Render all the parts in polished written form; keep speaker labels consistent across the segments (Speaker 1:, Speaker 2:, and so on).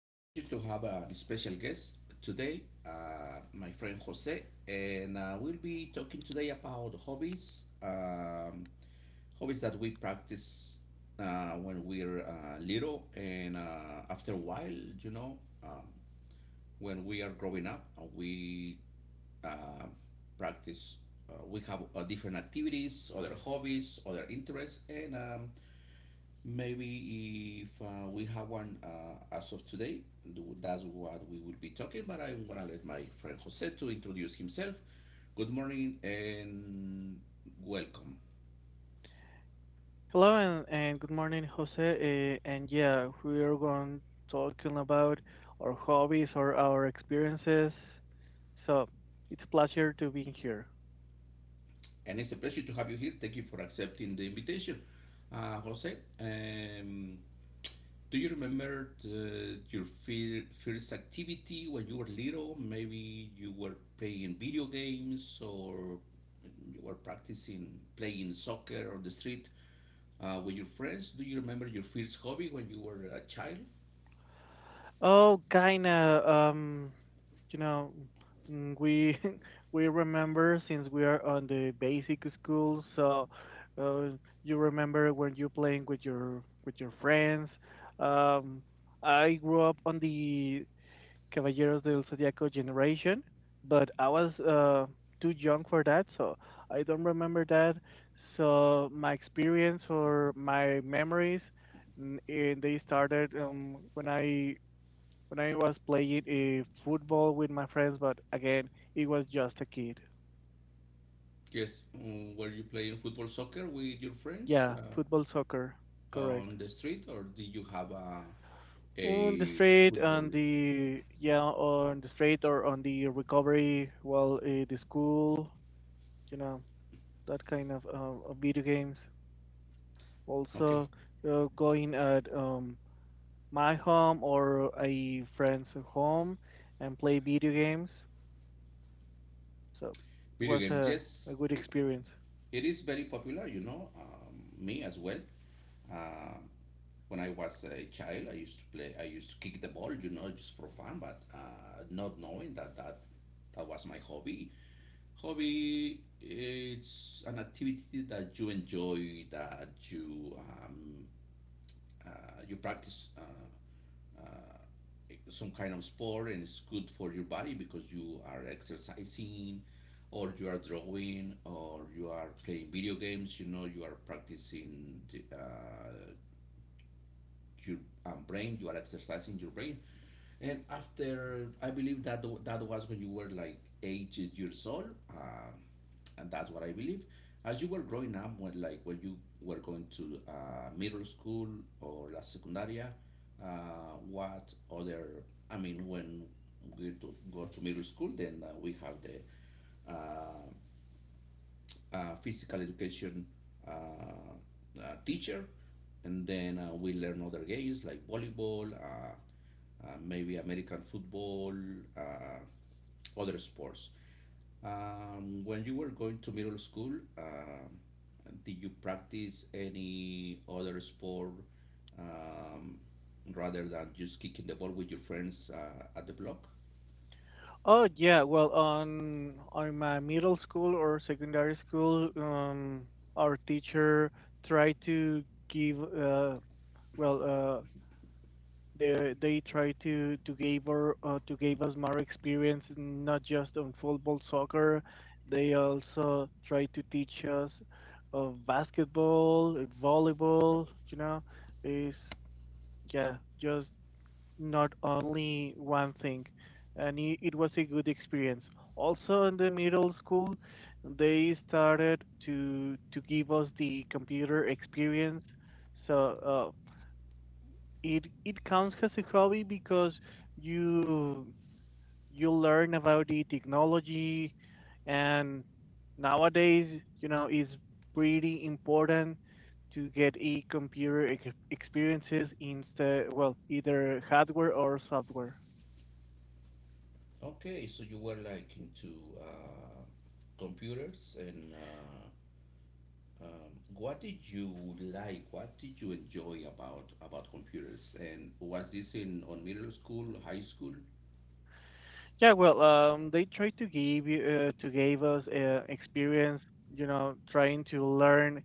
Speaker 1: It's a pleasure to have a special guest today, my friend Jose, and we'll be talking today about hobbies, hobbies that we practice when we're little, and after a while, you know, um, when we are growing up, we uh, practice. We have different activities, other hobbies, other interests, and maybe if we have one as of today, that's what we will be talking. But I'm gonna let my friend Jose to introduce himself. Good morning and welcome.
Speaker 2: Hello and good morning, Jose. And yeah, we are going talking about our hobbies or our experiences. So it's a pleasure to be here.
Speaker 1: And it's a pleasure to have you here. Thank you for accepting the invitation, Jose. Do you remember your first activity when you were little? Maybe you were playing video games or you were practicing playing soccer on the street. With your friends, do you remember your first hobby when you were a child?
Speaker 2: Oh, kinda. You know, we we remember since we are on the basic school. So uh, you remember when you playing with your friends. Um, I grew up on the Caballeros del Zodiaco generation, but I was too young for that, so I don't remember that. So my experience or my memories, they started when I was playing football with my friends, but again, it was just a kid.
Speaker 1: Yes, were you playing football, soccer with your friends,
Speaker 2: Yeah, football, soccer, correct.
Speaker 1: on the street, or did you have a,
Speaker 2: On the
Speaker 1: a
Speaker 2: street,
Speaker 1: football?
Speaker 2: on the street or on the recovery, well, the school, you know. That kind of video games.
Speaker 1: Okay,
Speaker 2: Also, going at my home or a friend's home and play video games. So it
Speaker 1: video
Speaker 2: was
Speaker 1: games.
Speaker 2: a
Speaker 1: Yes,
Speaker 2: good experience.
Speaker 1: it is very popular. You know, me as well. Uh, when I was a child, I used to play. I used to kick the ball. You know, just for fun, but not knowing that that was my hobby. Hobby it's an activity that you enjoy, that you you practice uh, some kind of sport, and it's good for your body because you are exercising, or you are drawing, or you are playing video games. You know, you are practicing the, your brain. You are exercising your brain, and after, I believe that that was when you were like 8 years old, and that's what I believe. As you were growing up, when you were going to middle school or la secundaria, what other? I mean, when we to go to middle school, then we have the uh, physical education uh, teacher, and then we learn other games like volleyball. Maybe American football, uh, other sports. When you were going to middle school, um did you practice any other sport, um, rather than just kicking the ball with your friends at the block?
Speaker 2: Oh yeah, well on my middle school or secondary school, our teacher tried to give well uh, they try to give us more experience, not just on football, soccer. They also try to teach us basketball, volleyball. You know, is yeah, just not only one thing. And it was a good experience. Also, in the middle school, they started to give us the computer experience, so it counts as a hobby because you you learn about the technology, and nowadays you know it's pretty important to get a computer experiences, instead well either hardware or software.
Speaker 1: Okay, so you were like into uh, computers and what did you like? What did you enjoy about computers? And was this in on middle school, high school?
Speaker 2: Yeah, well, they try to give you to give us experience, you know, trying to learn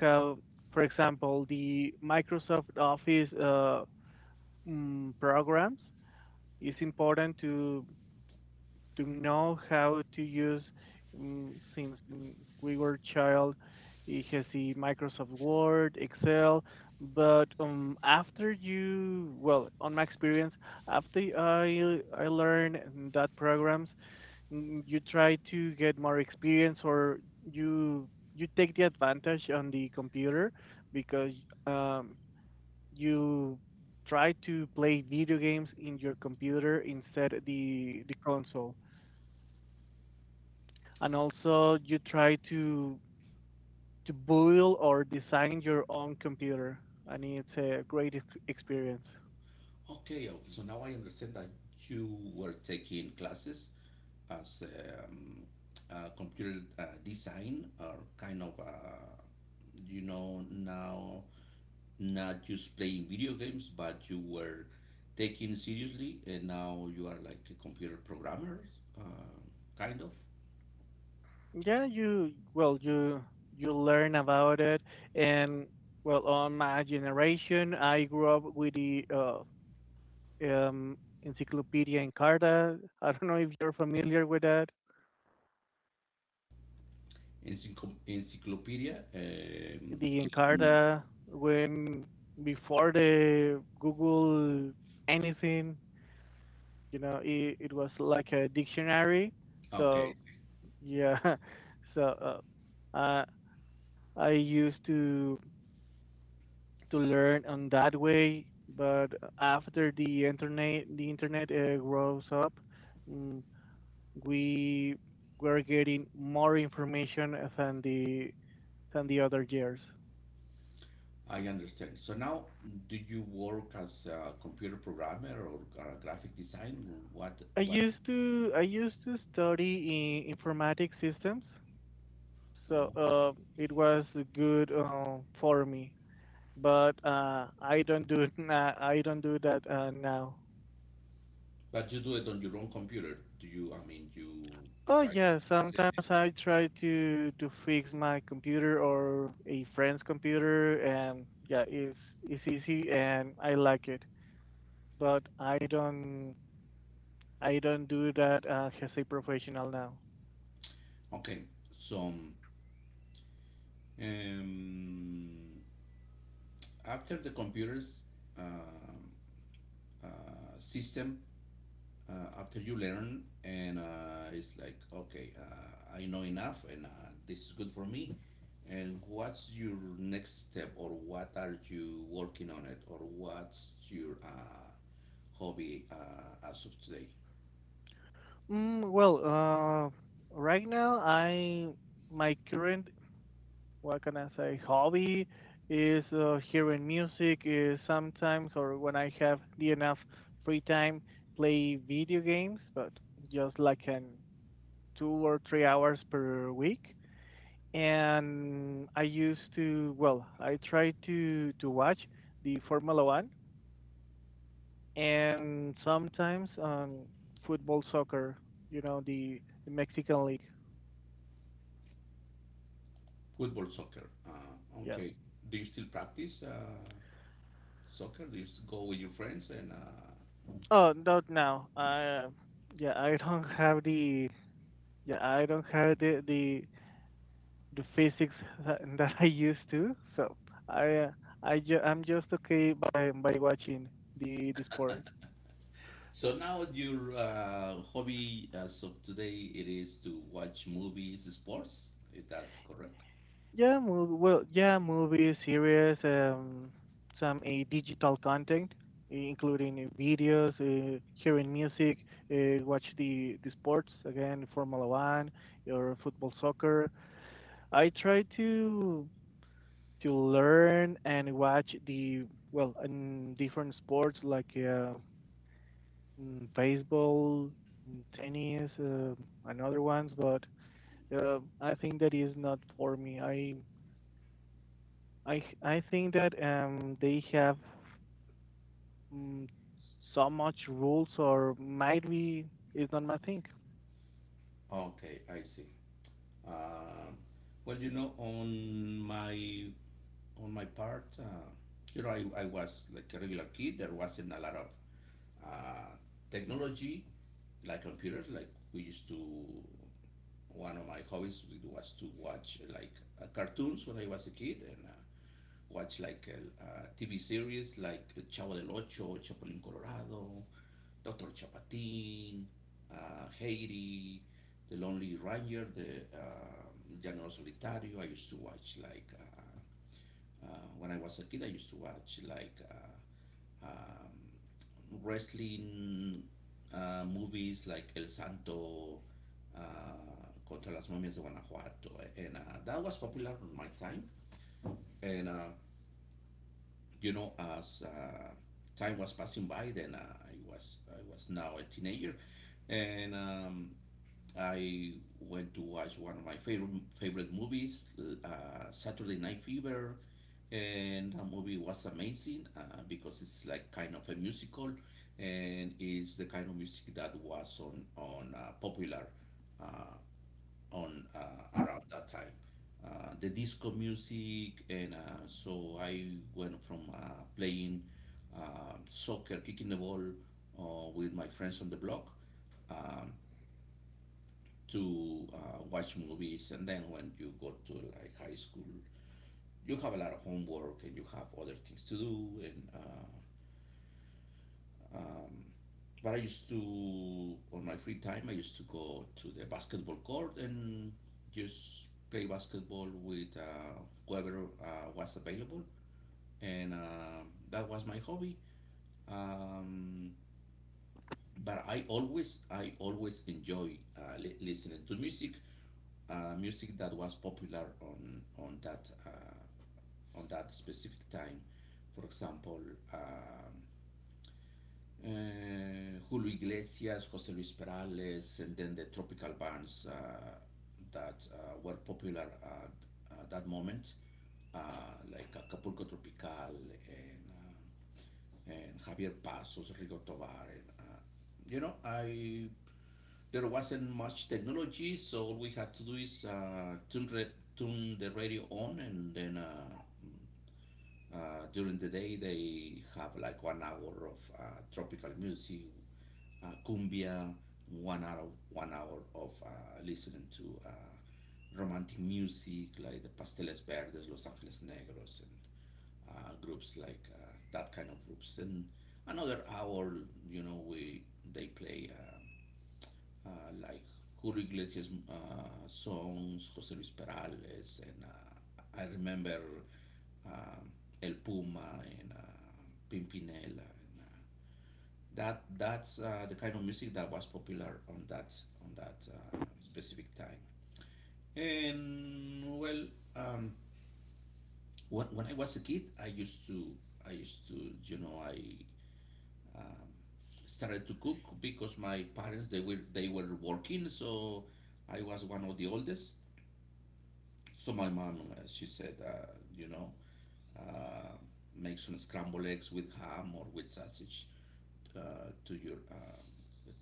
Speaker 2: how, for example, the Microsoft Office programs. It's important to know how to use, mm, since mm, we were child. It has the Microsoft Word, Excel, but after you, well, on my experience, after I learned that programs, you try to get more experience, or you take the advantage on the computer because um, you try to play video games in your computer instead the console, and also you try to build or design your own computer, and it's a great experience.
Speaker 1: Okay, okay. So now I understand that you were taking classes as computer design, or kind of, you know, now not just playing video games, but you were taking seriously, and now you are like a computer programmer, uh, kind of
Speaker 2: Yeah, you well you learn about it. And well, on my generation, I grew up with the um, encyclopedia Encarta. I don't know if you're familiar with that.
Speaker 1: encyclopedia.
Speaker 2: The Encarta when before the Google, anything, you know, it was like a dictionary.
Speaker 1: Okay,
Speaker 2: So yeah, so uh, uh, I used to learn on that way. But after the internet grows up, mm, we were getting more information than the other years.
Speaker 1: I understand. So now, do you work as a computer programmer or a graphic design? What what?
Speaker 2: I used to study in informatic systems, so
Speaker 1: Oh,
Speaker 2: it was good for me. But I don't do I don't do that now.
Speaker 1: but you do it on your own computer. Do you? I mean, you
Speaker 2: Oh
Speaker 1: try to
Speaker 2: yeah,
Speaker 1: fix it.
Speaker 2: sometimes I try to fix my computer or a friend's computer, and yeah, it's easy and I like it. But I don't do that as a professional now.
Speaker 1: Okay. So um, after the computers, um, uh, system, after you learn and it's like okay, I know enough and this is good for me, and what's your next step or what are you working on it or what's your hobby as of today?
Speaker 2: Mm, well, uh, right now I my current, what can I say, hobby is hearing music. Is sometimes, or when I have the enough free time, play video games, but just like an 2 or 3 hours per week. And I used to, well, I try to watch the Formula One and sometimes on football, soccer. You know the Mexican league.
Speaker 1: Football soccer,
Speaker 2: Yeah.
Speaker 1: okay, do you still practice soccer, do you go with your friends and
Speaker 2: Oh, not now. I don't have the yeah, I don't have the the the physics that I used to. So I uh, I'm just okay by watching the sport.
Speaker 1: so now your hobby as of today it is to watch movies sports, is that correct?
Speaker 2: Yeah, movie, well, yeah, movies, series, some a digital content, including videos, hearing music, watch the sports again, Formula One or football, soccer. I try to. To learn and watch the, well, in different sports like baseball, tennis, and other ones. But I think that is not for me. I think that they have mm, so much rules, or might be is not my thing.
Speaker 1: Okay, I see. Um, well, you know, on my part, you know, I was like a regular kid. There wasn't a lot of uh, technology, like computers. Like we used to. One of my hobbies was to watch like cartoons when I was a kid, and watch like TV series like Chavo del Ocho, Chapulín Colorado, Dr. Chapatín, Heidi, The Lonely Ranger, The Llanero Solitario. I used to watch like when I was a kid. I used to watch like wrestling movies like El Santo. Contra las momias de Guanajuato, and that was popular in my time. And you know, as time was passing by, then I was now a teenager, and I went to watch one of my favorite movies, Saturday Night Fever, and the movie was amazing because it's like kind of a musical, and it's the kind of music that was on popular uh, on around that time. The disco music, and so I went from playing soccer, kicking the ball with my friends on the block, um, to watch movies, and then when you go to like high school you have a lot of homework and you have other things to do, and um, but I used to, on my free time, I used to go to the basketball court and just play basketball with whoever was available, and that was my hobby. um, but I always enjoy listening to music, music that was popular on that on that specific time. For example, um, Julio Iglesias, Jose Luis Perales, and then the Tropical Bands, that were popular at that moment, uh, like Acapulco Tropical, and and Javier Pasos, Rigo Tobar. And you know, I there wasn't much technology, so all we had to do is turn the radio on, and then during the day, they have like 1 hour of tropical music, cumbia, 1 hour of listening to romantic music like the Pasteles Verdes, Los Angeles Negros, and groups like that kind of groups. And another hour, you know, we they play uh, like Julio Iglesias songs, Jose Luis Perales, and I remember um, El Puma and Pimpinella. And that's the kind of music that was popular on that specific time. And well, um, when I was a kid, I used to you know I um, started to cook because my parents they were working, so I was one of the oldest. So my mom she said, you know. Uh, Make some scrambled eggs with ham or with sausage uh, to your um,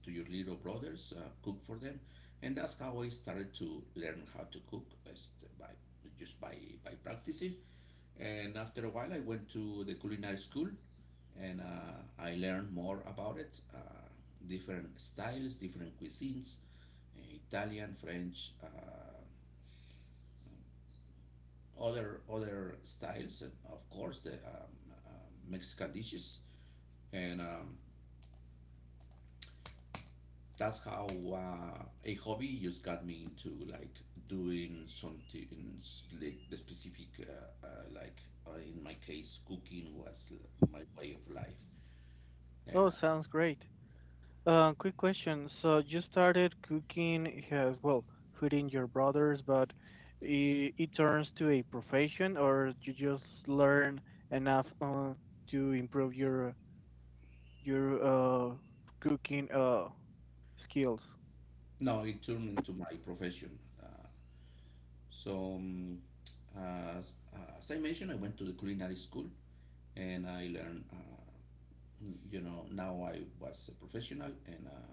Speaker 1: to your little brothers, cook for them, and that's how I started to learn how to cook is by just by practicing. And after a while, I went to the culinary school and I learned more about it, different styles, different cuisines, uh, Italian, French, other styles, and of course the Mexican dishes. And that's how a hobby just got me into like doing something in like the specific, like in my case cooking was my way of life, and
Speaker 2: Oh, sounds great. Quick question. So you started cooking, well, feeding your brothers, but it turns to a profession, or you just learn enough to improve your your uh, cooking skills.
Speaker 1: no, it turned into my profession. So um, as I mentioned, I went to the culinary school, and I learned, you know, now I was a professional, and uh,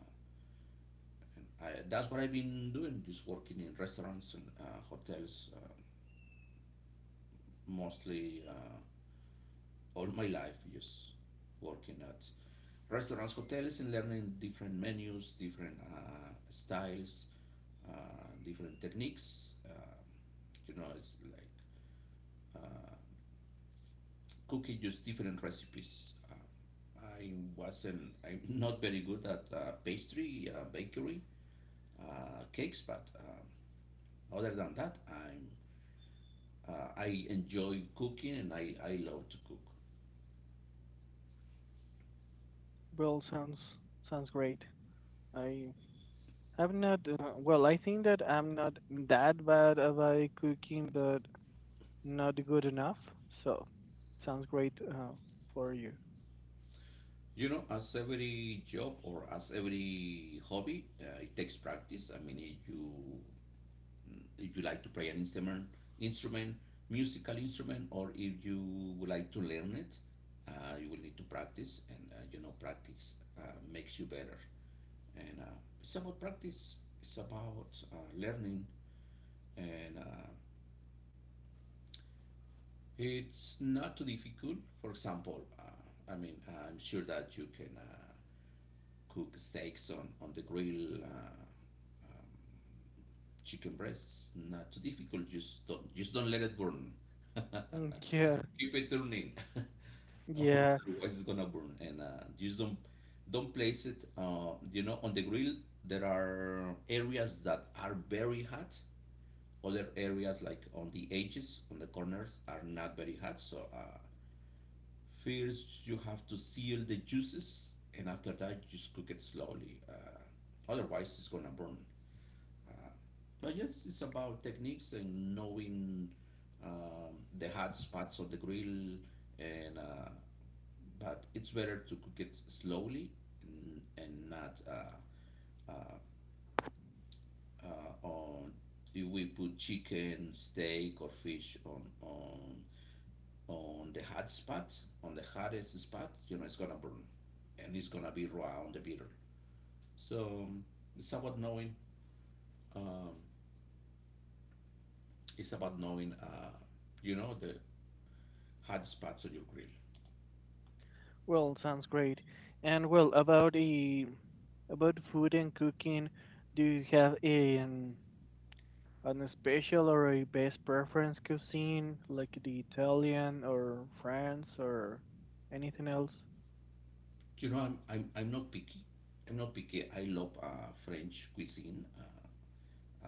Speaker 1: and I, that's what I've been doing, just working in restaurants and hotels, mostly all my life, just working at restaurants, hotels, and learning different menus, different styles, different techniques. You know, it's like uh, cooking just different recipes. I wasn't, I'm not very good at pastry, bakery, cakes, but other than that, I enjoy cooking and I love to cook.
Speaker 2: Well, sounds great. I I'm not well. I think that I'm not that bad about cooking, but not good enough. So sounds great for you.
Speaker 1: You know, as every job or as every hobby, it takes practice. I mean, if you like to play an instrument, musical instrument, or if you would like to learn it, you will need to practice, and you know, practice makes you better. And it's about practice. It's about learning, and it's not too difficult. For example, I mean, I'm sure that you can. Cook steaks on the grill, um, chicken breasts. Not too difficult. Just don't let it burn.
Speaker 2: Yeah,
Speaker 1: Keep it turning.
Speaker 2: yeah.
Speaker 1: Otherwise, it's gonna burn. And just don't place it. You know, on the grill there are areas that are very hot. Other areas like on the edges, on the corners, are not very hot. So first, you have to seal the juices, and after that, you just cook it slowly. Otherwise, it's gonna burn. Uh, but yes, it's about techniques and knowing the hot spots on the grill. And but it's better to cook it slowly and not uh, on. If we put chicken, steak, or fish on the hot spot, on the hottest spot, you know, it's gonna burn and it's gonna be raw on the bitter. So it's about um, it's about knowing, you know, the hot spots on your grill.
Speaker 2: Well, sounds great. And well, about the about food and cooking, do you have a an special or a best preference cuisine like the Italian or France or anything else?
Speaker 1: I'm not picky. I'm not picky. I love French cuisine, uh,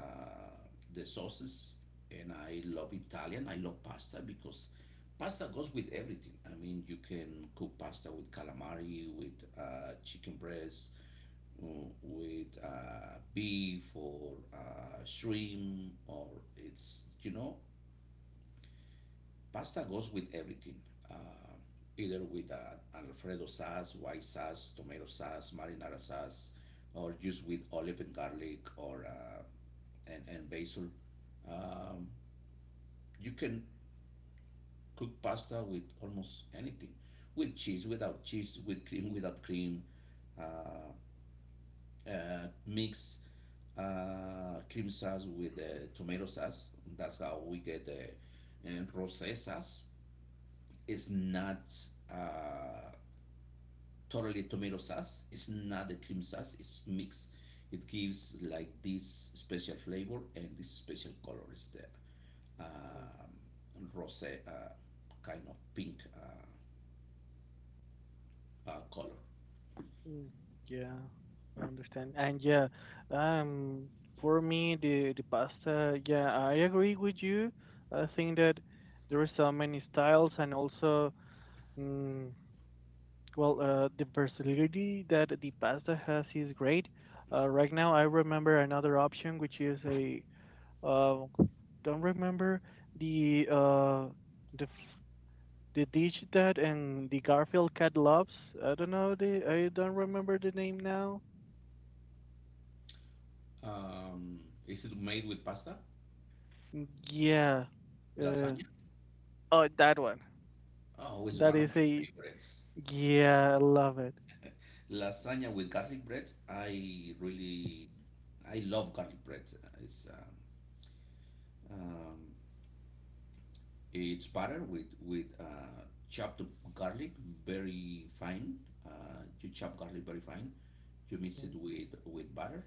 Speaker 1: the sauces, and I love Italian. I love pasta because pasta goes with everything. I mean, you can cook pasta with calamari, with chicken breast, mm, with beef or shrimp or it's, pasta goes with everything, uh, either with alfredo sauce, white sauce, tomato sauce, marinara sauce, or just with olive and garlic, and basil. um, you can cook pasta with almost anything, with cheese, without cheese, with cream, without cream. uh, Mix cream sauce with tomato sauce. That's how we get the rosé sauce. It's not uh, totally tomato sauce. It's not the cream sauce. It's mixed. It gives like this special flavor and this special color is the
Speaker 2: Mm,
Speaker 1: um, rosé, kind of pink, color.
Speaker 2: mm, Yeah, I understand. And yeah, um, for me the pasta, yeah, I agree with you. I think that there are so many styles, and also, mm, well, the versatility that the pasta has is great. Right now, I remember another option, which is a uh, don't remember the the f- the dish that and the Garfield cat loves. I don't remember the name now.
Speaker 1: Um, is it made with pasta?
Speaker 2: Yeah. Uh,
Speaker 1: Lasagna?
Speaker 2: oh, that one.
Speaker 1: Oh, it's
Speaker 2: That
Speaker 1: one of
Speaker 2: is
Speaker 1: my
Speaker 2: a
Speaker 1: favorites.
Speaker 2: yeah. I love it.
Speaker 1: Lasagna with garlic bread. I love garlic bread. It's uh, um, it's butter with with chopped garlic, very fine. You chop garlic very fine. You mix it
Speaker 2: Mm,
Speaker 1: with butter,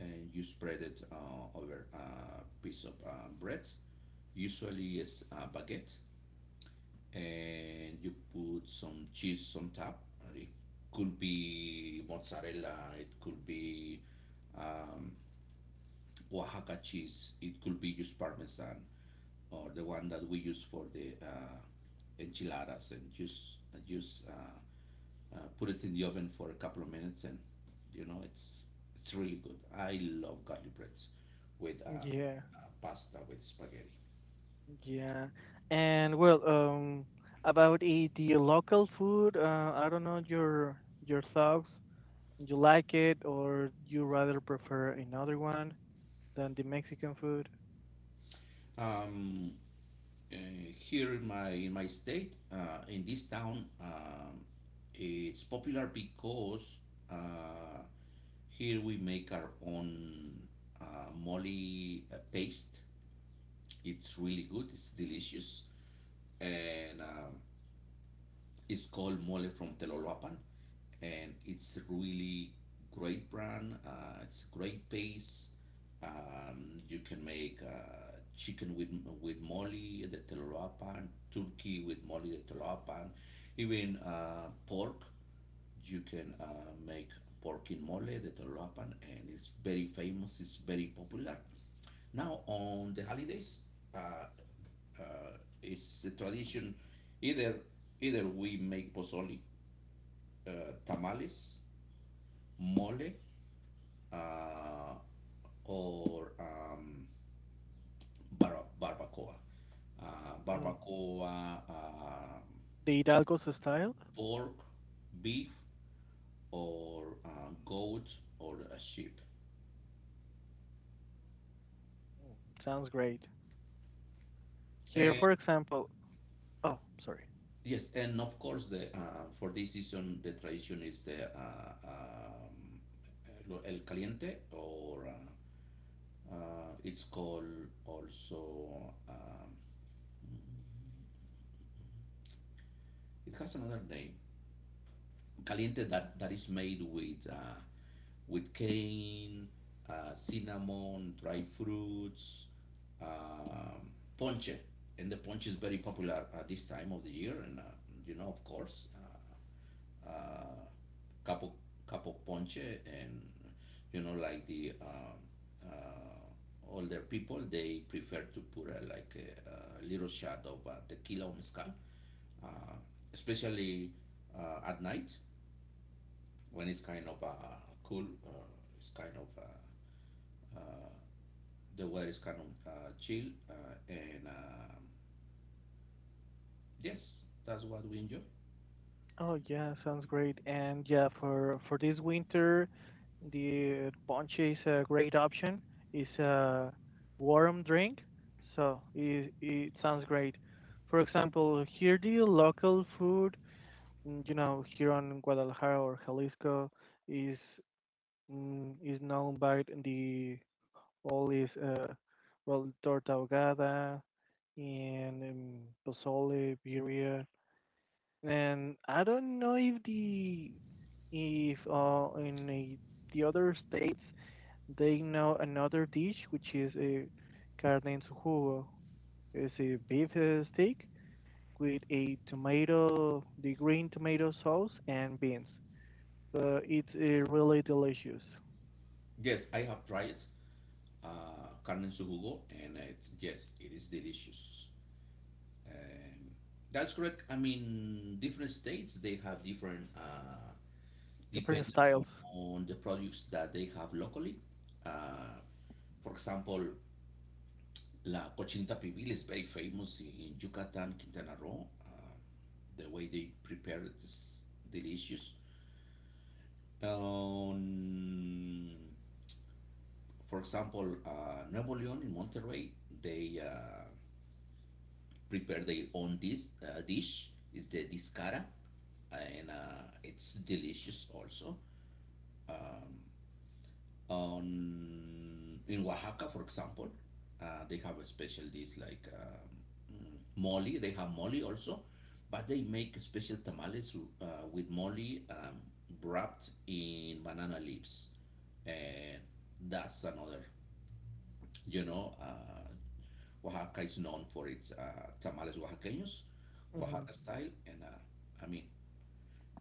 Speaker 1: and you spread it over a piece of bread. Usually it's a baguette, and you put some cheese on top. It could be mozzarella. It could be um, Oaxaca cheese. It could be just Parmesan, or the one that we use for the enchiladas, and just put it in the oven for a couple of minutes, and you know, it's really good. I love garlic breads with
Speaker 2: yeah.
Speaker 1: pasta, with spaghetti.
Speaker 2: Yeah, and well, about the local food, I don't know your thoughts. You like it, or you rather prefer another one than the Mexican food?
Speaker 1: Um, Here in my state, in this town, it's popular because uh, here we make our own uh, molly paste. It's really good. It's delicious, and um, it's called mole from Telolapan, and it's a really great brand. It's a great pace. You can make chicken with mole the telurapan, turkey with mole the telurapan, even pork. You can make pork in mole the telurapan, and it's very famous. It's very popular. Now on the holidays, uh, uh, it's a tradition. Either either we make pozole, tamales, mole, uh, or barbacoa.
Speaker 2: Mm.
Speaker 1: Barbacoa,
Speaker 2: The Hidalgo's style?
Speaker 1: pork, beef, or goat, or a sheep.
Speaker 2: Mm. Sounds great. Here,
Speaker 1: And
Speaker 2: for example, oh, sorry.
Speaker 1: yes, and of course, the for this season, the tradition is the el caliente, or it's called also. It has another name. Caliente that, that is made with cane, cinnamon, dried fruits, um, ponche, and the ponche is very popular at this time of the year. And you know, of course, uh, capo capo ponche, and you know, like the older people, they prefer to put like a little shot of tequila or mezcal, uh, especially at night, when it's kind of cool, it's kind of uh, the weather is kind of chill, and um, yes, that's what we enjoy.
Speaker 2: Oh yeah, sounds great. And yeah, for this winter, the ponche is a great option. It's a warm drink, so it sounds great. For example, here the local food, you know, here on Guadalajara or Jalisco, is is known by the all is well, torta ahogada and pozole, birria, and I don't know if the if the other states they know another dish, which is a carne en su jugo. It's a beef steak with a tomato, the green tomato sauce and beans. So it's really delicious.
Speaker 1: Yes, I have tried carne en su jugo, and it's yes, it is delicious. Um, that's correct. I mean, different states they have different
Speaker 2: Different
Speaker 1: depending
Speaker 2: styles.
Speaker 1: on the products that they have locally. Uh, for example, la cochinita pibil is very famous in Yucatan, Quintana Roo. The way they prepare it is delicious. Um, for example, Nuevo León in Monterrey, they prepare their own dish. Dish is the discara, and it's delicious also. Um, on In Oaxaca, for example, they have a special dish like mm, mole. They have mole also, but they make special tamales uh, with mole, um, wrapped in banana leaves, and that's another. You know, Oaxaca is known for its tamales oaxaqueños,
Speaker 2: Hmm.
Speaker 1: Oaxaca style, and I mean,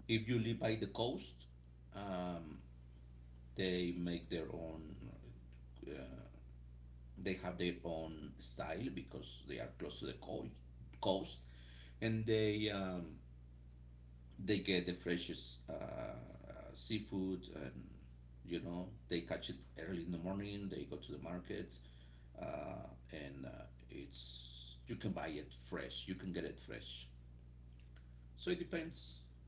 Speaker 1: if you live by the coast, um, they make their own uh, they have their own style because they are close to the coast, and they get the freshest seafood, and you know they catch it early in the morning. They go to the market, and it's you can buy it fresh. You can get it fresh. So it depends.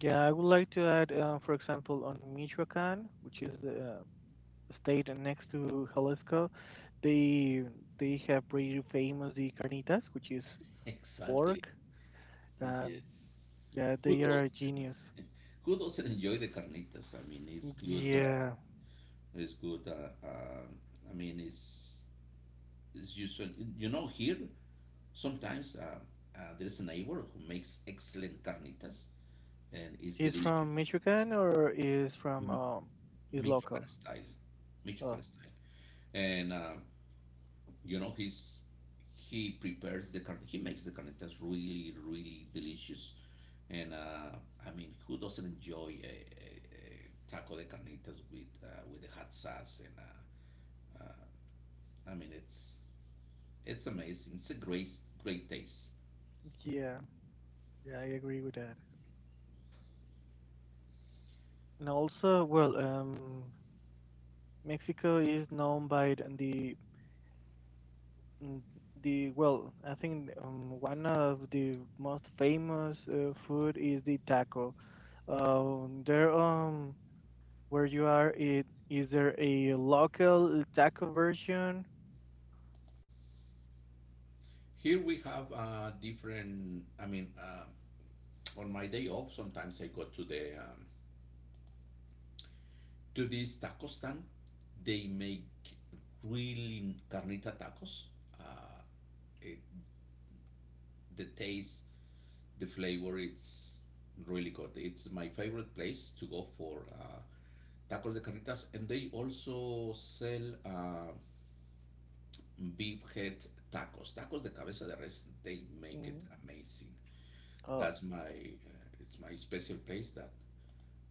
Speaker 2: Yeah, I would like to add, for example, on Michoacan, which is the state and next to Jalisco, they they have pretty famous the carnitas, which is
Speaker 1: Exactly.
Speaker 2: pork, and
Speaker 1: Yes.
Speaker 2: yeah,
Speaker 1: Who
Speaker 2: they are
Speaker 1: does?
Speaker 2: a genius.
Speaker 1: Not Who doesn't enjoy the carnitas? I mean, it's good.
Speaker 2: Yeah,
Speaker 1: It's good. I mean, it's is usually, you know, here sometimes there's a neighbor who makes excellent carnitas, and it's
Speaker 2: is
Speaker 1: delicious.
Speaker 2: from Michigan, or is from
Speaker 1: M-
Speaker 2: is
Speaker 1: Michoacan
Speaker 2: local?
Speaker 1: style,
Speaker 2: Oh,
Speaker 1: Michoacan style. And you know, he prepares the carne, he makes the carnitas really, really delicious. And I mean, who doesn't enjoy a taco de carnitas with the hot sauce? And uh, I mean, it's amazing. It's a great, great taste.
Speaker 2: yeah, yeah, I agree with that. And also, well, Mexico is known by the Mm, well, I think one of the most famous food is the taco. There where you are, it is there a local taco version?
Speaker 1: Here we have different. I mean, um, on my day off, sometimes I go to the to this taco stand. They make really carnita tacos. Uh, it, the taste, the flavor, it's really good. It's my favorite place to go for tacos de carnitas, and they also sell beef head tacos, tacos de cabeza de res. They make it
Speaker 2: Mm,
Speaker 1: amazing.
Speaker 2: oh,
Speaker 1: That's my it's my special place that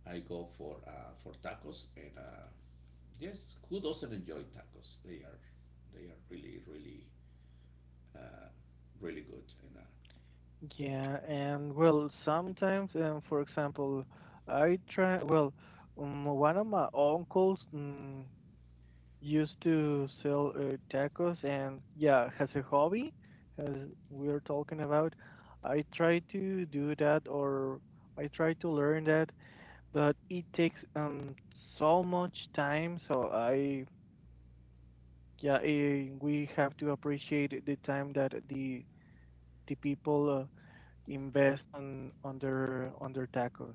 Speaker 1: I go for tacos, and yes, who doesn't enjoy tacos? They are really really uh, really good. And
Speaker 2: yeah, and well, sometimes, for example, I try, well, one of my uncles. Used to sell tacos, and yeah, as a hobby, as we're talking about, I try to do that, or I try to learn that, but it takes so much time, so we have to appreciate the time that the people invest on their tacos.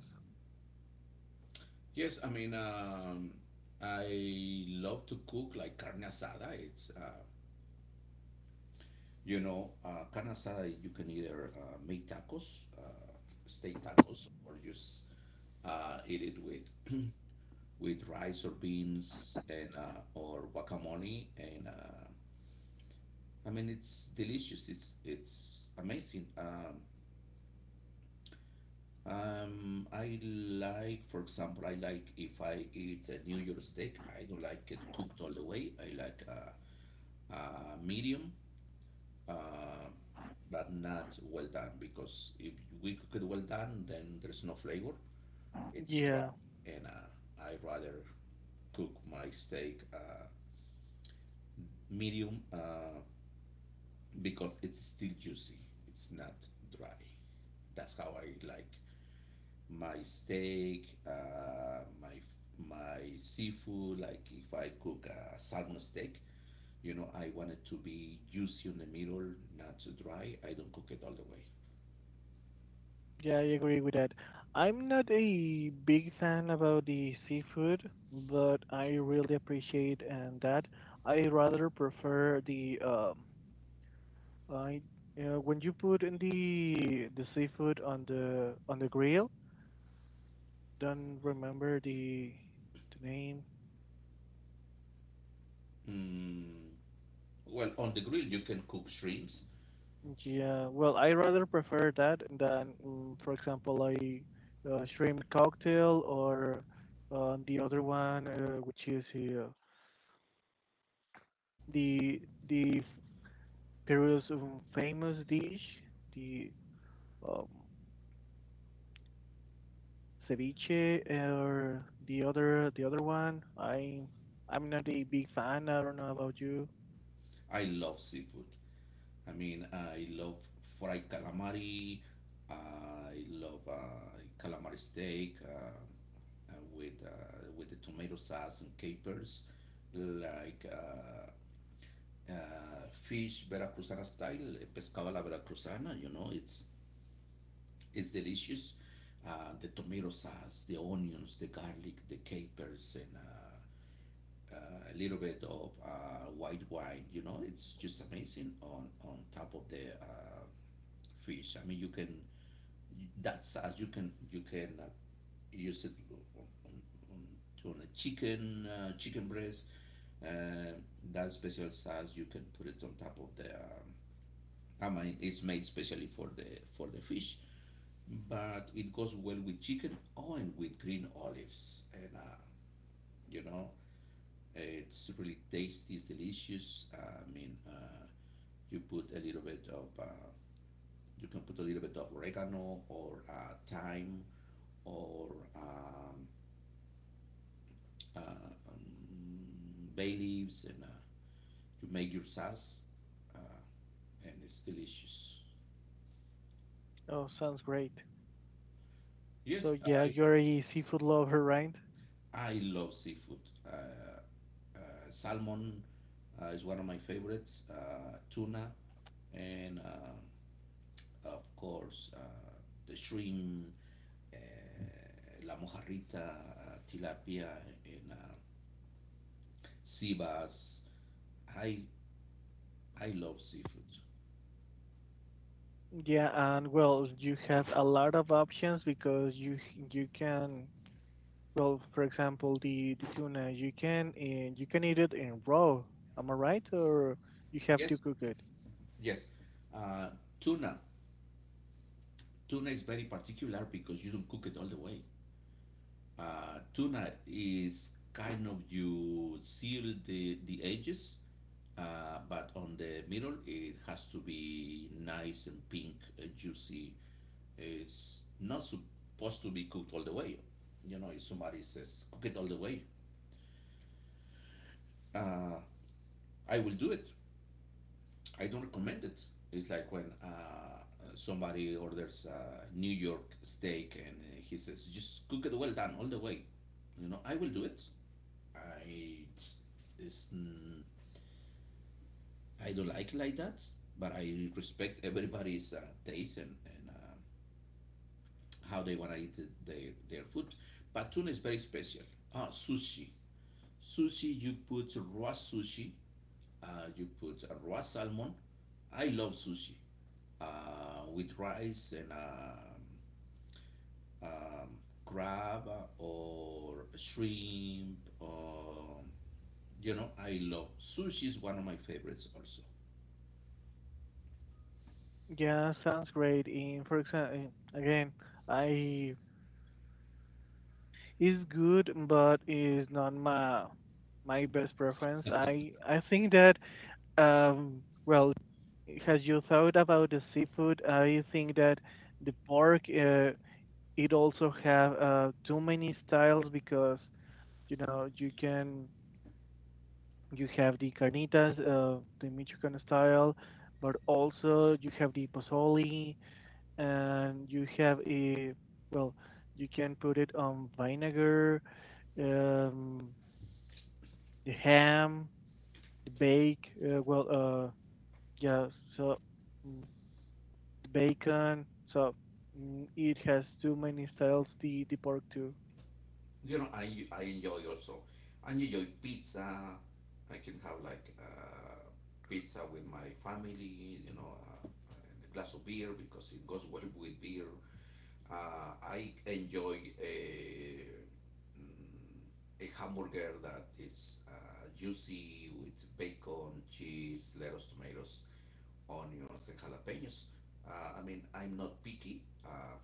Speaker 1: yes, I mean I love to cook like carne asada. It's you know carne asada. You can either make tacos, steak tacos, or just eat it with with rice or beans and or guacamole, and I mean, it's delicious. It's amazing. I like, for example, I like if I eat a New York steak, I don't like it cooked all the way. I like medium, uh, but not well done, because if we cook it well done, then there's no flavor. It's dry,
Speaker 2: Yeah.
Speaker 1: and I rather cook my steak medium, because it's still juicy. It's not dry. That's how I like my steak, my my seafood. Like if I cook a salmon steak, you know, I want it to be juicy in the middle, not too dry. I don't cook it all the way.
Speaker 2: Yeah, I agree with that. I'm not a big fan about the seafood, but I really appreciate and that. I rather prefer the I when you put in the seafood on the grill. Don't remember the name.
Speaker 1: Mm, well, on the grill you can cook shrimps.
Speaker 2: Yeah, well, I rather prefer that than, for example, a shrimp cocktail, or the other one, which is the the Peru's famous dish, the um, ceviche, or the other one. I'm not a big fan. I don't know about you.
Speaker 1: I love seafood. I mean, I love fried calamari. I love calamari steak, with the tomato sauce and capers. Like fish Veracruzana style, eh, pescado a la Veracruzana. You know, it's delicious. The tomato sauce, the onions, the garlic, the capers, and a little bit of white wine. You know, it's just amazing on top of the fish. I mean, you can that sauce you can use it on, on, on, on a chicken, chicken breast. Uh, that special sauce you can put it on top of the I mean, it's made specially for the fish, but it goes well with chicken, oh, and with green olives, and you know, it's really tasty, it's delicious. I mean, you put a little bit of you can put a little bit of oregano or thyme, or um, uh, bay leaves, and you make your sauce, uh, and it's delicious.
Speaker 2: Oh, sounds great. So
Speaker 1: Yes,
Speaker 2: yeah,
Speaker 1: I
Speaker 2: you're a seafood lover, right?
Speaker 1: I love seafood. Uh, Salmon is one of my favorites. Tuna, and of course the shrimp, uh, la mojarrita, tilapia, and sea bass. I I love seafood.
Speaker 2: Yeah, and well, you have a lot of options because you can, well, for example, the tuna you can eat it in raw. Am I right, or you have to
Speaker 1: Yes,
Speaker 2: cook it?
Speaker 1: yes. Uh, tuna, tuna is very particular because you don't cook it all the way. Tuna is kind of you seal the edges. But on the middle, it has to be nice and pink, juicy. It's not supposed to be cooked all the way. You know, if somebody says cook it all the way, uh, I will do it. I don't recommend it. It's like when somebody orders a New York steak and he says just cook it well done all the way. You know, I will do it. I It's, mm, I don't like it like that, but I respect everybody's taste, and how they wanna eat their their food. Batun is very special. Ah, sushi. Sushi, you put raw sushi. You put raw salmon. I love sushi with rice and um, crab, or shrimp. Or, you know, I love sushi is one of my favorites also.
Speaker 2: Yeah, sounds great. In for example, again, I is good, but is not my my best preference. I think that well, has you thought about the seafood? I think that the pork it also have too many styles because you know you can you have the carnitas, the Michoacan style, but also you have the pozole, and you have a, well, you can put it on vinegar, um the ham, the bake uh yeah so mm, the bacon, so it has too many styles the pork too.
Speaker 1: I enjoy also. I enjoy pizza. I can have like pizza with my family and a glass of beer because it goes well with beer. I enjoy a hamburger that is juicy, with bacon, cheese, lettuce, tomatoes, onions, and jalapenos. I mean, I'm not picky.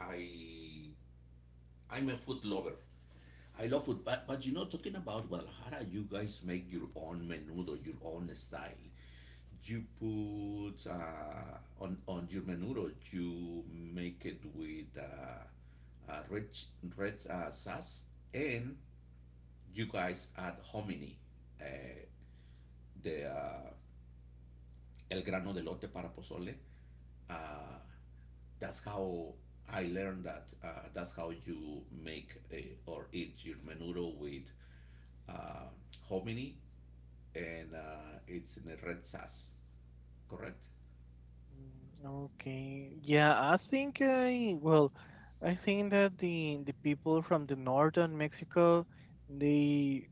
Speaker 1: I I'm a food lover. I love food, but talking about Guadalajara, you guys make your own menudo, your own style. You put on your menudo, you make it with red red sauce, and you guys add hominy, uh, the el grano de lote para pozole. Uh, that's how I learned that. That's how you make, or eat your menudo with uh, hominy, and it's in a red sauce, correct?
Speaker 2: Mm, okay, yeah, I think I well, I think that the people from the northern Mexico, they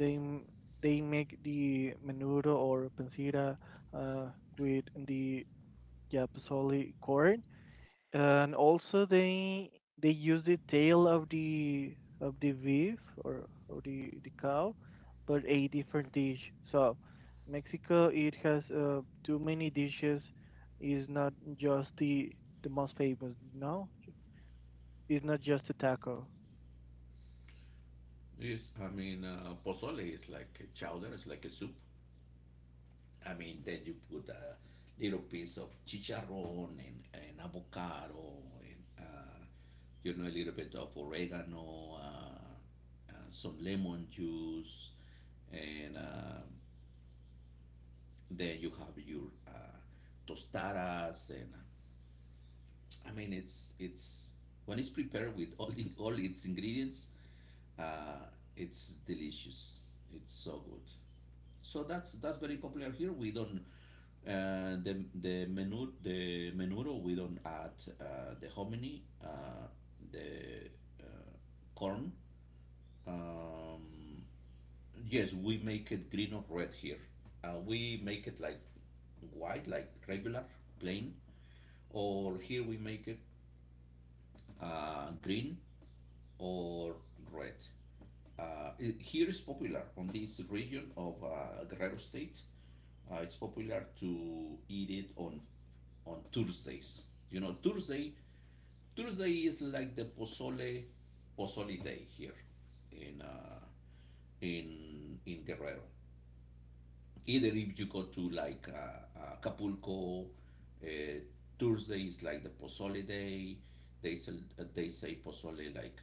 Speaker 2: They m- they make the menudo or pancita uh, with the yapasoli corn, and also they use the tail of the beef or of the cow, but a different dish. So Mexico it has too many dishes. Is not just the most famous. No, it's not just a taco.
Speaker 1: Yes, I mean, pozole is like a chowder, it's like a soup. I mean, then you put a little piece of chicharron and avocado, and a little bit of oregano, some lemon juice, and then you have your tostadas. And I mean, when it's prepared with all its ingredients, Uh, it's delicious. It's so good. So that's very popular here. We don't the menu the menudo. We don't add the hominy, the uh, corn. Um, yes, we make it green or red here. We make it like white, like regular, plain, or here we make it green or red. Here is popular on this region of Guerrero State. It's popular to eat it on Thursdays. You know, Thursday is like the pozole day here in Guerrero either if you go to like Acapulco. uh, Thursday is like the Pozole day. They say Pozole like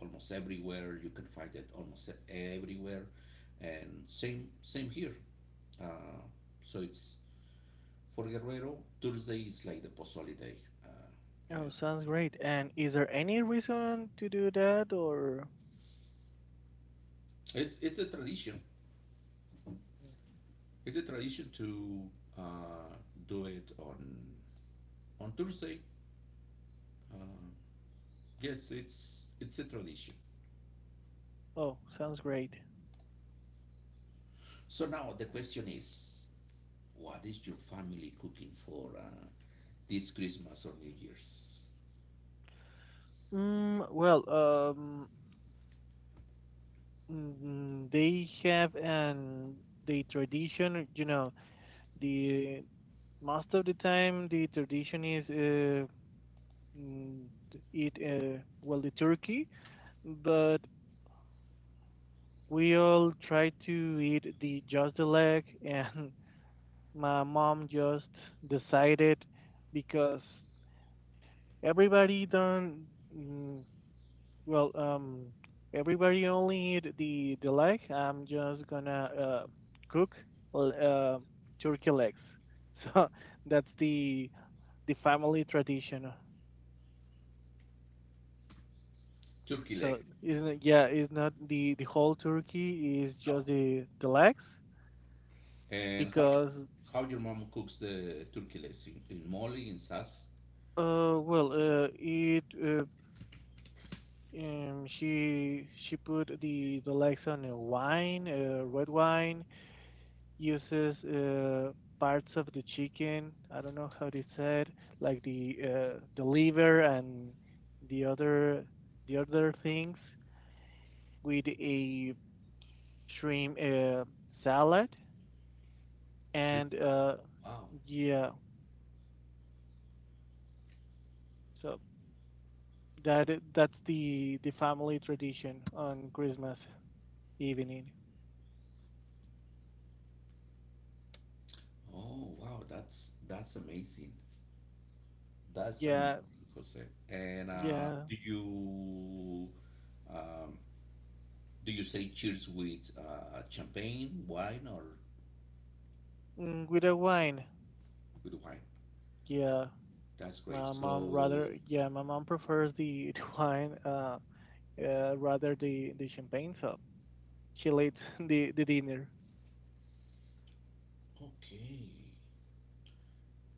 Speaker 1: almost everywhere. You can find it almost everywhere, and same here. Uh, so it's For Guerrero, Thursday is like the Pozole day.
Speaker 2: Oh,
Speaker 1: And
Speaker 2: sounds great. And is there any reason to do that or?
Speaker 1: It's a tradition. It's a tradition to uh, do it on Thursday. Uh, yes, it's a tradition.
Speaker 2: Oh, sounds great.
Speaker 1: So now the question is, what is your family cooking for this Christmas or New Year's?
Speaker 2: Well, they have an the tradition. You know, the most of the time the tradition is mm, eat well the turkey, but we all try to eat the just the leg, and my mom just decided because everybody don't. mm, Well, everybody only need the leg. I'm just gonna cook l- uh, turkey legs. So that's the family tradition.
Speaker 1: Turkey
Speaker 2: So
Speaker 1: leg.
Speaker 2: isn't it, yeah, it's not the the whole turkey. It's
Speaker 1: No.
Speaker 2: just the legs
Speaker 1: And how you,
Speaker 2: because
Speaker 1: how your mom cooks the turkey legs in moly, in sauce?
Speaker 2: well it she put the legs on a wine, red wine, uses parts of the chicken. I don't know how they said, like the liver and the other the other things with a shrimp salad.
Speaker 1: Shrimp.
Speaker 2: And uh,
Speaker 1: Wow.
Speaker 2: yeah, so that that's the family tradition on Christmas evening.
Speaker 1: Oh wow, that's amazing. That's
Speaker 2: Yeah,
Speaker 1: amazing, Jose. And
Speaker 2: yeah,
Speaker 1: do you um, do you say cheers with champagne, wine, or
Speaker 2: with a wine.
Speaker 1: with wine?
Speaker 2: Yeah,
Speaker 1: That's great.
Speaker 2: my mom
Speaker 1: So
Speaker 2: rather. Yeah, my mom prefers the wine. Rather the champagne, so she leads the dinner.
Speaker 1: okay.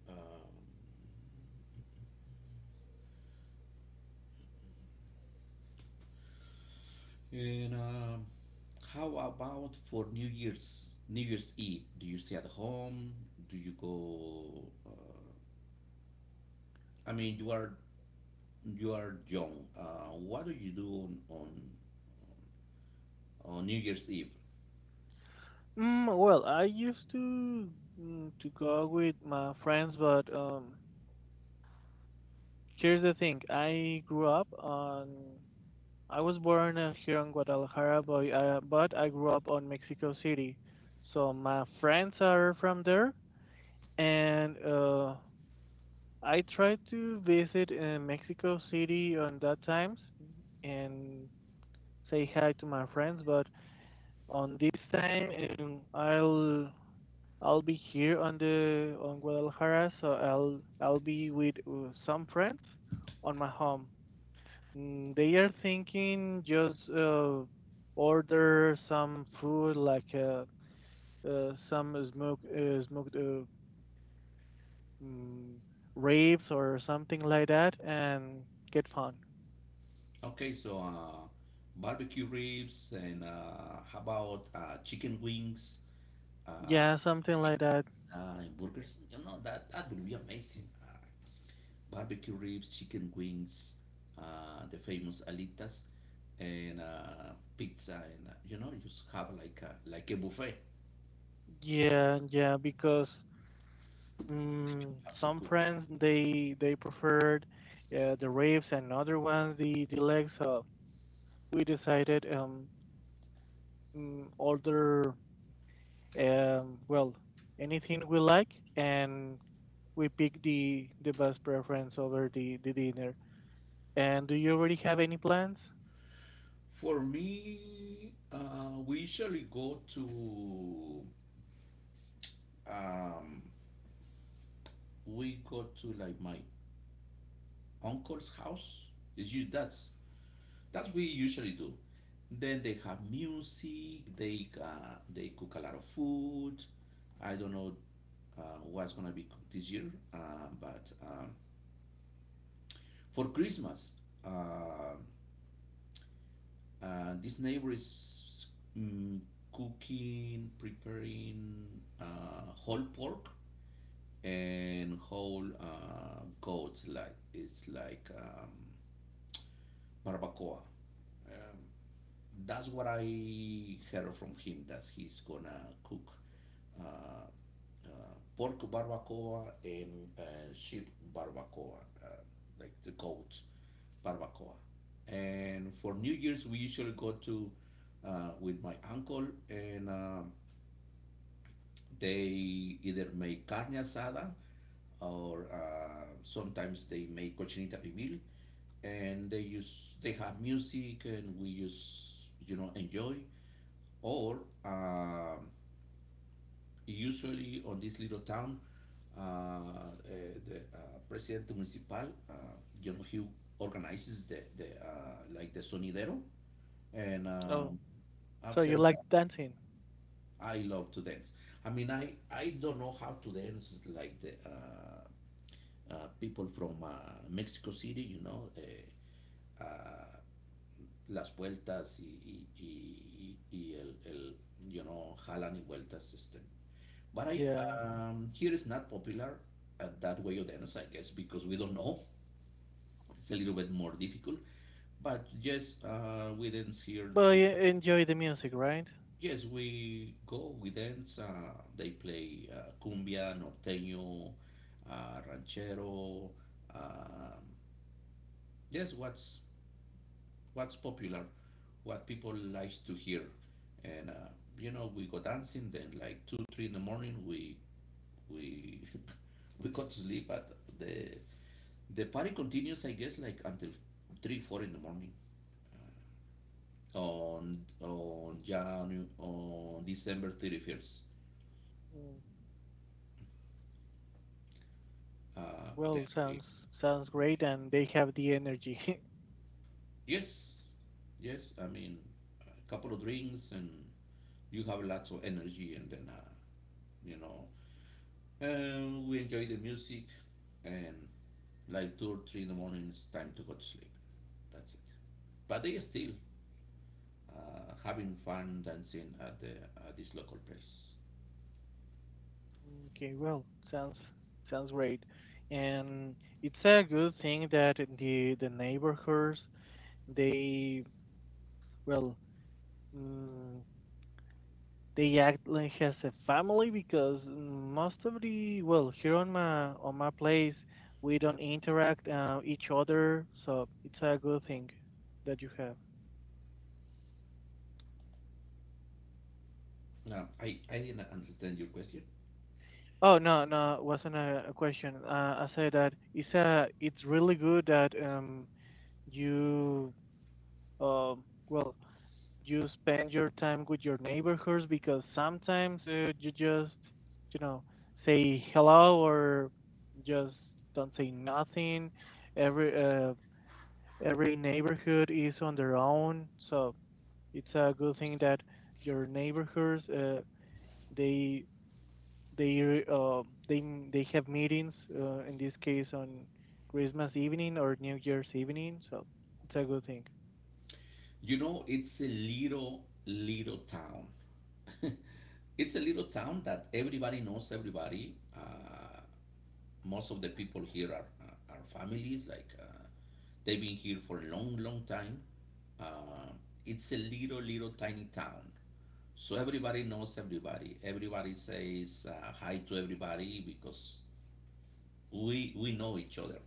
Speaker 1: Um, and How about for New Year's? New Year's Eve? Do you stay at home? Do you go? I mean, you are young. What do you do on New Year's Eve?
Speaker 2: Well, I used to to go with my friends, but here's the thing: I grew up on. I was born here in Guadalajara, but I grew up on Mexico City, so my friends are from there, and I tried to visit Mexico City on that times and say hi to my friends, but on this time um, I'll I'll be here on the on Guadalajara, so I'll be with some friends on my home. They are thinking just order some food like some smoked mm, ribs or something like that and get fun.
Speaker 1: Okay, so barbecue ribs, and how about chicken wings? Uh,
Speaker 2: Yeah, something
Speaker 1: Maybe
Speaker 2: like that.
Speaker 1: pizza and burgers. You know, that would be amazing. Barbecue ribs, chicken wings, the famous alitas, and pizza, and you just have like a buffet.
Speaker 2: Yeah, yeah, because
Speaker 1: That you
Speaker 2: Mm,
Speaker 1: have to
Speaker 2: some
Speaker 1: cook.
Speaker 2: friends they preferred the raves and other ones the legs. We decided order um well anything we like and we pick the best preference over the dinner. And do you already have any plans?
Speaker 1: For me, we usually go to, um, we go to like my uncle's house. It's you that's we usually do. Then they have music. They cook a lot of food. I don't know uh, what's gonna be cooked this year, but for Christmas. Uh, this neighbor is mm, cooking, preparing whole pork and whole goats. Like it's like barbacoa. Um, that's what I heard from him. That he's gonna cook uh, pork barbacoa and sheep barbacoa, uh, like the goat barbacoa. And for New Year's, we usually go to, with my uncle, and they either make carne asada, or sometimes they make cochinita pibil. And they have music, and we use you know enjoy. Or um usually on this little town, uh, the presidente municipal, you know, he organizes the like the sonidero, and
Speaker 2: Oh, so
Speaker 1: after
Speaker 2: you like
Speaker 1: that,
Speaker 2: dancing?
Speaker 1: I love to dance. I mean, I don't know how to dance like the people from Mexico City, you know, uh, las vueltas y, y, y, y y el, you know, jalan y vueltas system. But I
Speaker 2: Yeah.
Speaker 1: here is not popular that way of dance, I guess, because we don't know. It's a little bit more difficult. But yes, we dance here.
Speaker 2: Well, you enjoy the music, right?
Speaker 1: Yes, we go, we dance. They play cumbia, norteño, ranchero. Um, yes, what's popular, what people likes to hear, and we go dancing. Then, like, two, three in the morning, we we go to sleep. But the party continues, I guess, like until three, four in the morning, on December 31st.
Speaker 2: Mm, Well,
Speaker 1: Then we
Speaker 2: sounds sounds great, and they have the energy.
Speaker 1: Yes, yes. I mean, a couple of drinks and you have lots of energy, and then you know, we enjoy the music, and like two or three in the morning, it's time to go to sleep. That's it. But they still having fun dancing at this local place.
Speaker 2: Okay, well, sounds sounds great, and it's a good thing that the neighborhoods they well mm, they act like as a family because most of the well here on my place we don't interact each other, so it's a good thing that you have.
Speaker 1: Now, I didn't understand your question.
Speaker 2: Oh no, no, wasn't a question. I said that it's a it's really good that you um well you spend your time with your neighborhoods because sometimes you just you know say hello or just don't say nothing every every neighborhood is on their own so it's a good thing that your neighborhoods they they uh, they they have meetings in this case on Christmas evening or New Year's evening so it's a good thing.
Speaker 1: You know, it's a little little town. It's a little town that everybody knows everybody. Most of the people here are families, like, they've been here for a long, long time. uh, it's a little little tiny town, so everybody knows everybody. Everybody says hi to everybody because we know each other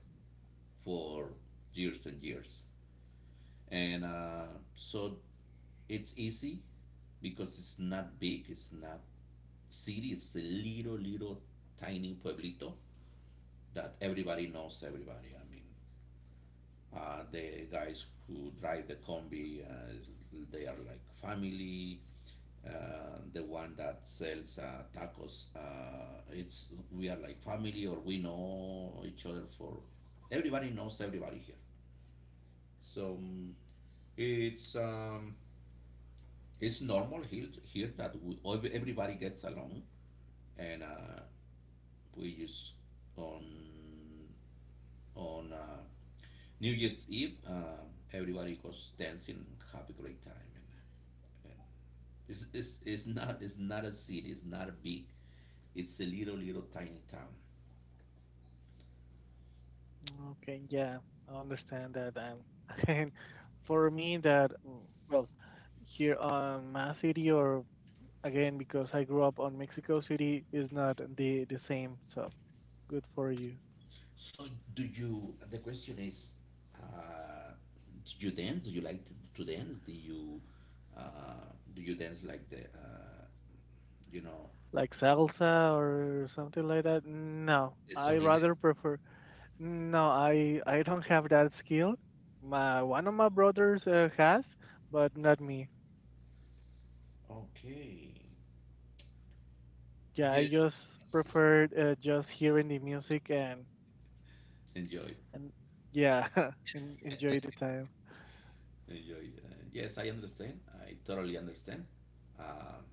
Speaker 1: for years and years. And so it's easy, because it's not big, it's not city, it's a little little tiny pueblito that everybody knows everybody. I mean, the guys who drive the combi, they are like family. The one that sells tacos, it's we are like family, or we know each other for. Everybody knows everybody here, so it's um, it's normal here, that everybody gets along, and we just on on uh, New Year's Eve, everybody goes dancing, have a great time, and it's not a city. It's not a big. It's a little little tiny town.
Speaker 2: Okay, yeah, I understand that. And for me, that well, here on my city, or again because I grew up on Mexico City, is not the the same. So good for you.
Speaker 1: So do you? The question is, uh, did you dance? Do you like to dance? Do you dance like the you know
Speaker 2: Like salsa or something like that. No,
Speaker 1: the
Speaker 2: I
Speaker 1: sonidero?
Speaker 2: rather prefer. No, I don't have that skill. My one of my brothers has, but not me.
Speaker 1: Okay.
Speaker 2: Yeah, I
Speaker 1: Yes.
Speaker 2: just
Speaker 1: Yes, yes.
Speaker 2: prefer just hearing the music and.
Speaker 1: Enjoy.
Speaker 2: And yeah, enjoy the time.
Speaker 1: Enjoy. Yes, I understand. I totally understand. Um,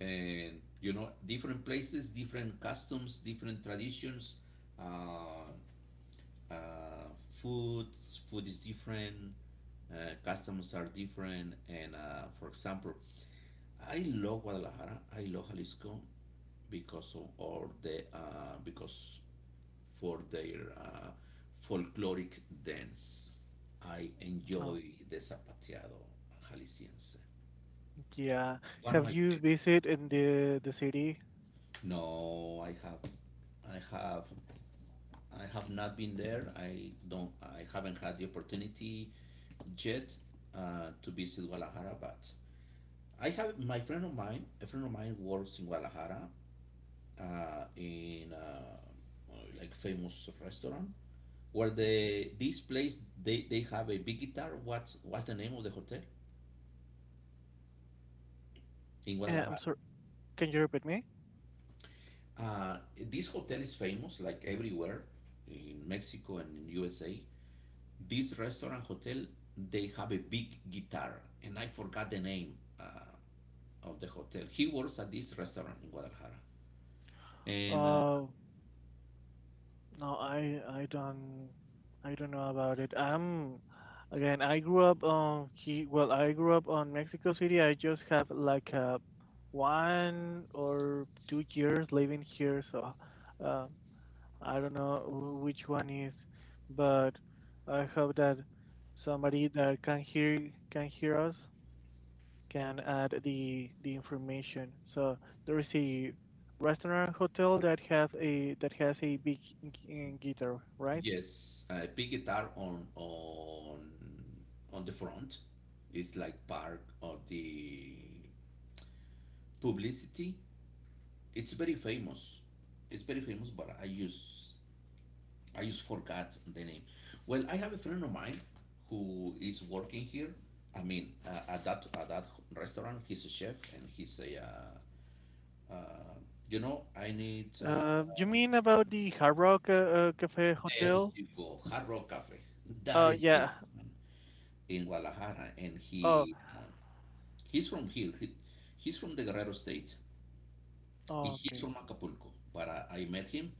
Speaker 1: and You know, different places, different customs, different traditions. Uh, uh, food is different, customs are different, and for example, I love Guadalajara, I love Jalisco, because of all the, because for their folkloric dance. I
Speaker 2: Oh,
Speaker 1: enjoy the zapateado jalisciense.
Speaker 2: yeah.
Speaker 1: It's one of
Speaker 2: Have
Speaker 1: my
Speaker 2: you
Speaker 1: favorites.
Speaker 2: visited in the city?
Speaker 1: No, i have I have not been there. I haven't had the opportunity jet, to visit Guadalajara, but I have my friend of mine. A friend of mine works in Guadalajara, in like famous restaurant, where
Speaker 2: Mm.
Speaker 1: the this place, they have a big guitar. What's the name of the hotel in
Speaker 2: Eh, I'm
Speaker 1: Guadalajara?
Speaker 2: sorry. Can you repeat me?
Speaker 1: Uh, this hotel is famous like everywhere in Mexico and in USA. This restaurant hotel, they have a big guitar, and I forgot the name of the hotel. He works at this restaurant in Guadalajara. And
Speaker 2: Oh, no, I don't I don't know about it. I'm again. I grew up on he. Well, I grew up on Mexico City. I just have like 1 or 2 years living here, so. Uh, I don't know which one is, but I hope that somebody that can hear us can add the information. So there is a restaurant hotel that has a big guitar, right?
Speaker 1: Yes, I pick guitar on the front. It's like part of the publicity. It's very famous. It's very famous, but I just forgot the name. Well, I have a friend of mine who is working here. I mean, at that restaurant, he's a chef, and he's a uh, I need.
Speaker 2: You mean about the Hard Rock Cafe
Speaker 1: There
Speaker 2: Hotel?
Speaker 1: you go, Hard Rock Cafe. That
Speaker 2: Oh
Speaker 1: is the
Speaker 2: yeah.
Speaker 1: one. In Guadalajara, and
Speaker 2: Oh,
Speaker 1: he's from here. He's from the Guerrero state. He's
Speaker 2: okay.
Speaker 1: from Acapulco, but I met him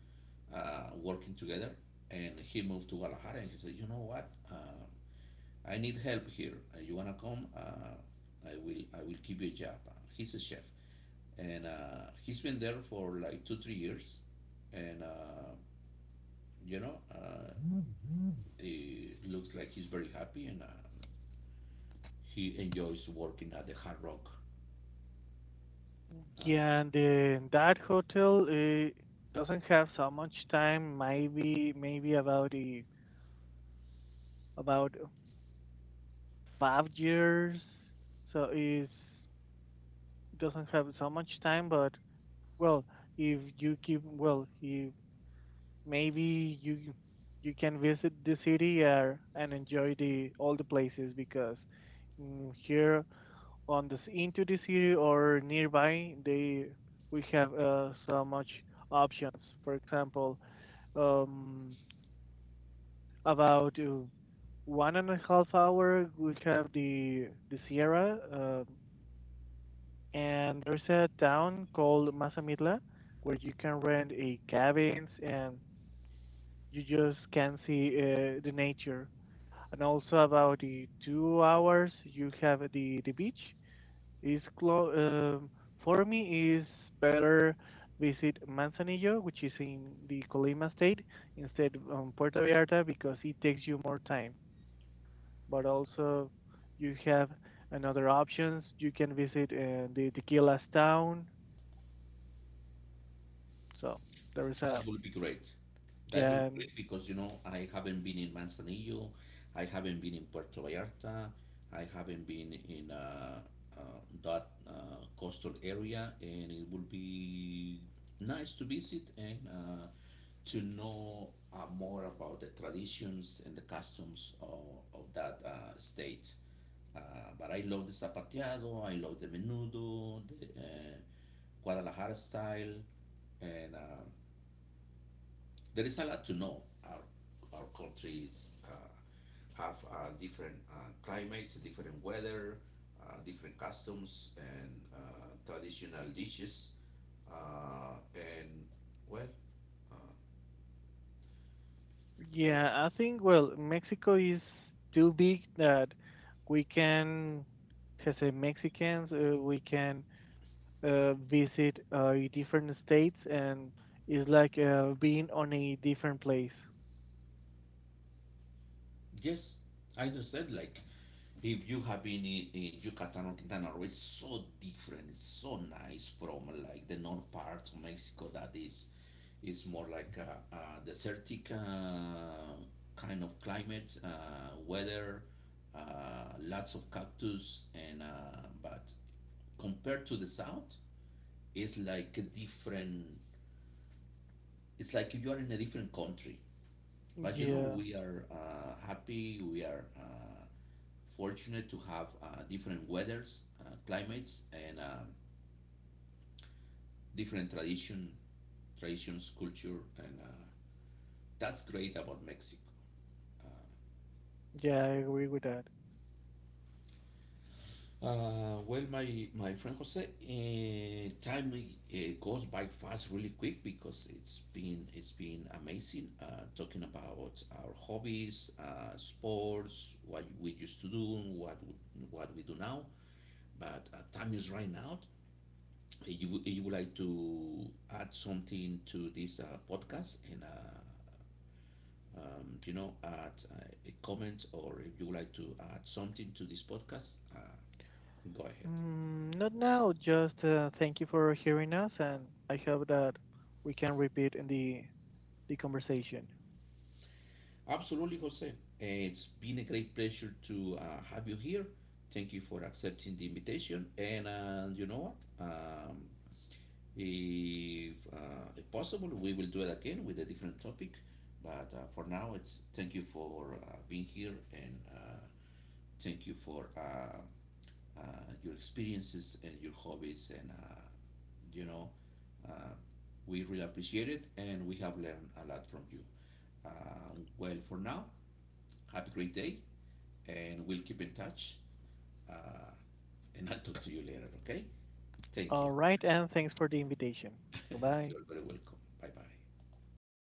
Speaker 1: working together, and he moved to Guadalajara. And he said, "You know what? I need help here. You wanna come? I will. I will give you a job." He's a chef, and he's been there for like two, 3 years, and you know, uh, it looks like he's very happy, and he enjoys working at the Hard Rock. Uh,
Speaker 2: Yeah, and then that hotel doesn't have so much time. Maybe, maybe about the about 5 years, so it doesn't have so much time. But well, if you keep well, you maybe you you can visit the city and enjoy the all the places because here on this into the city or nearby, they we have so much options. For example, um, about one and a half hour, we have the Sierra. And there's a town called Mazamitla where you can rent a cabins and you just can see the nature. And also about the 2 hours you have the beach is close. For me is better visit Manzanillo, which is in the Colima state, instead Puerto Vallarta because it takes you more time. But also you have another options. You can visit the Tequilas town. So there is a
Speaker 1: That will be great. That will
Speaker 2: yeah
Speaker 1: be
Speaker 2: um,
Speaker 1: great, because, you know, I haven't been in Manzanillo, I haven't been in Puerto Vallarta, I haven't been in uh, that coastal area, and it will be nice to visit, and to know more about the traditions and the customs of that state. Uh, but I love the zapateado, I love the menudo, the Guadalajara style, and there is a lot to know. Our countries have different climates, different weather, different customs, and traditional dishes. And Well, uh, uh,
Speaker 2: yeah. I think well, Mexico is too big that we can, as a Mexicans, we can visit different states and it's like being on a different place.
Speaker 1: yes, I understand. Like, if you have been in Yucatan or Quintana Roo, it's so different. It's so nice from like the north part of Mexico that is more like a desertic, kind of climate, weather, lots of cactus, and but compared to the south, it's like a different. It's like you are in a different country. But, you know,
Speaker 2: Yeah,
Speaker 1: we are happy. We are fortunate to have different weathers, climates, and different traditions, culture, and that's great about Mexico. Uh,
Speaker 2: yeah, I agree with that.
Speaker 1: Well, my friend Jose, time goes by fast, really quick, because it's been amazing talking about our hobbies, sports, what we used to do, what w- what we do now. But time is running out. You would like to add something to this podcast and. Add a comment, or if you would like to add something to this podcast, go ahead.
Speaker 2: Not now. Just thank you for hearing us, and I hope that we can repeat in the conversation.
Speaker 1: Absolutely, Jose. It's been a great pleasure to have you here. Thank you for accepting the invitation. And You know what? If possible, we will do it again with a different topic. But for now, it's thank you for being here, and thank you for uh, your experiences and your hobbies. And you know, uh, we really appreciate it, and we have learned a lot from you. Uh, well, for now, have a great day, and we'll keep in touch. Uh, and I'll talk to you later, okay? Thank you.
Speaker 2: All right, and thanks for the invitation. Bye bye.
Speaker 1: You're very welcome. Bye bye.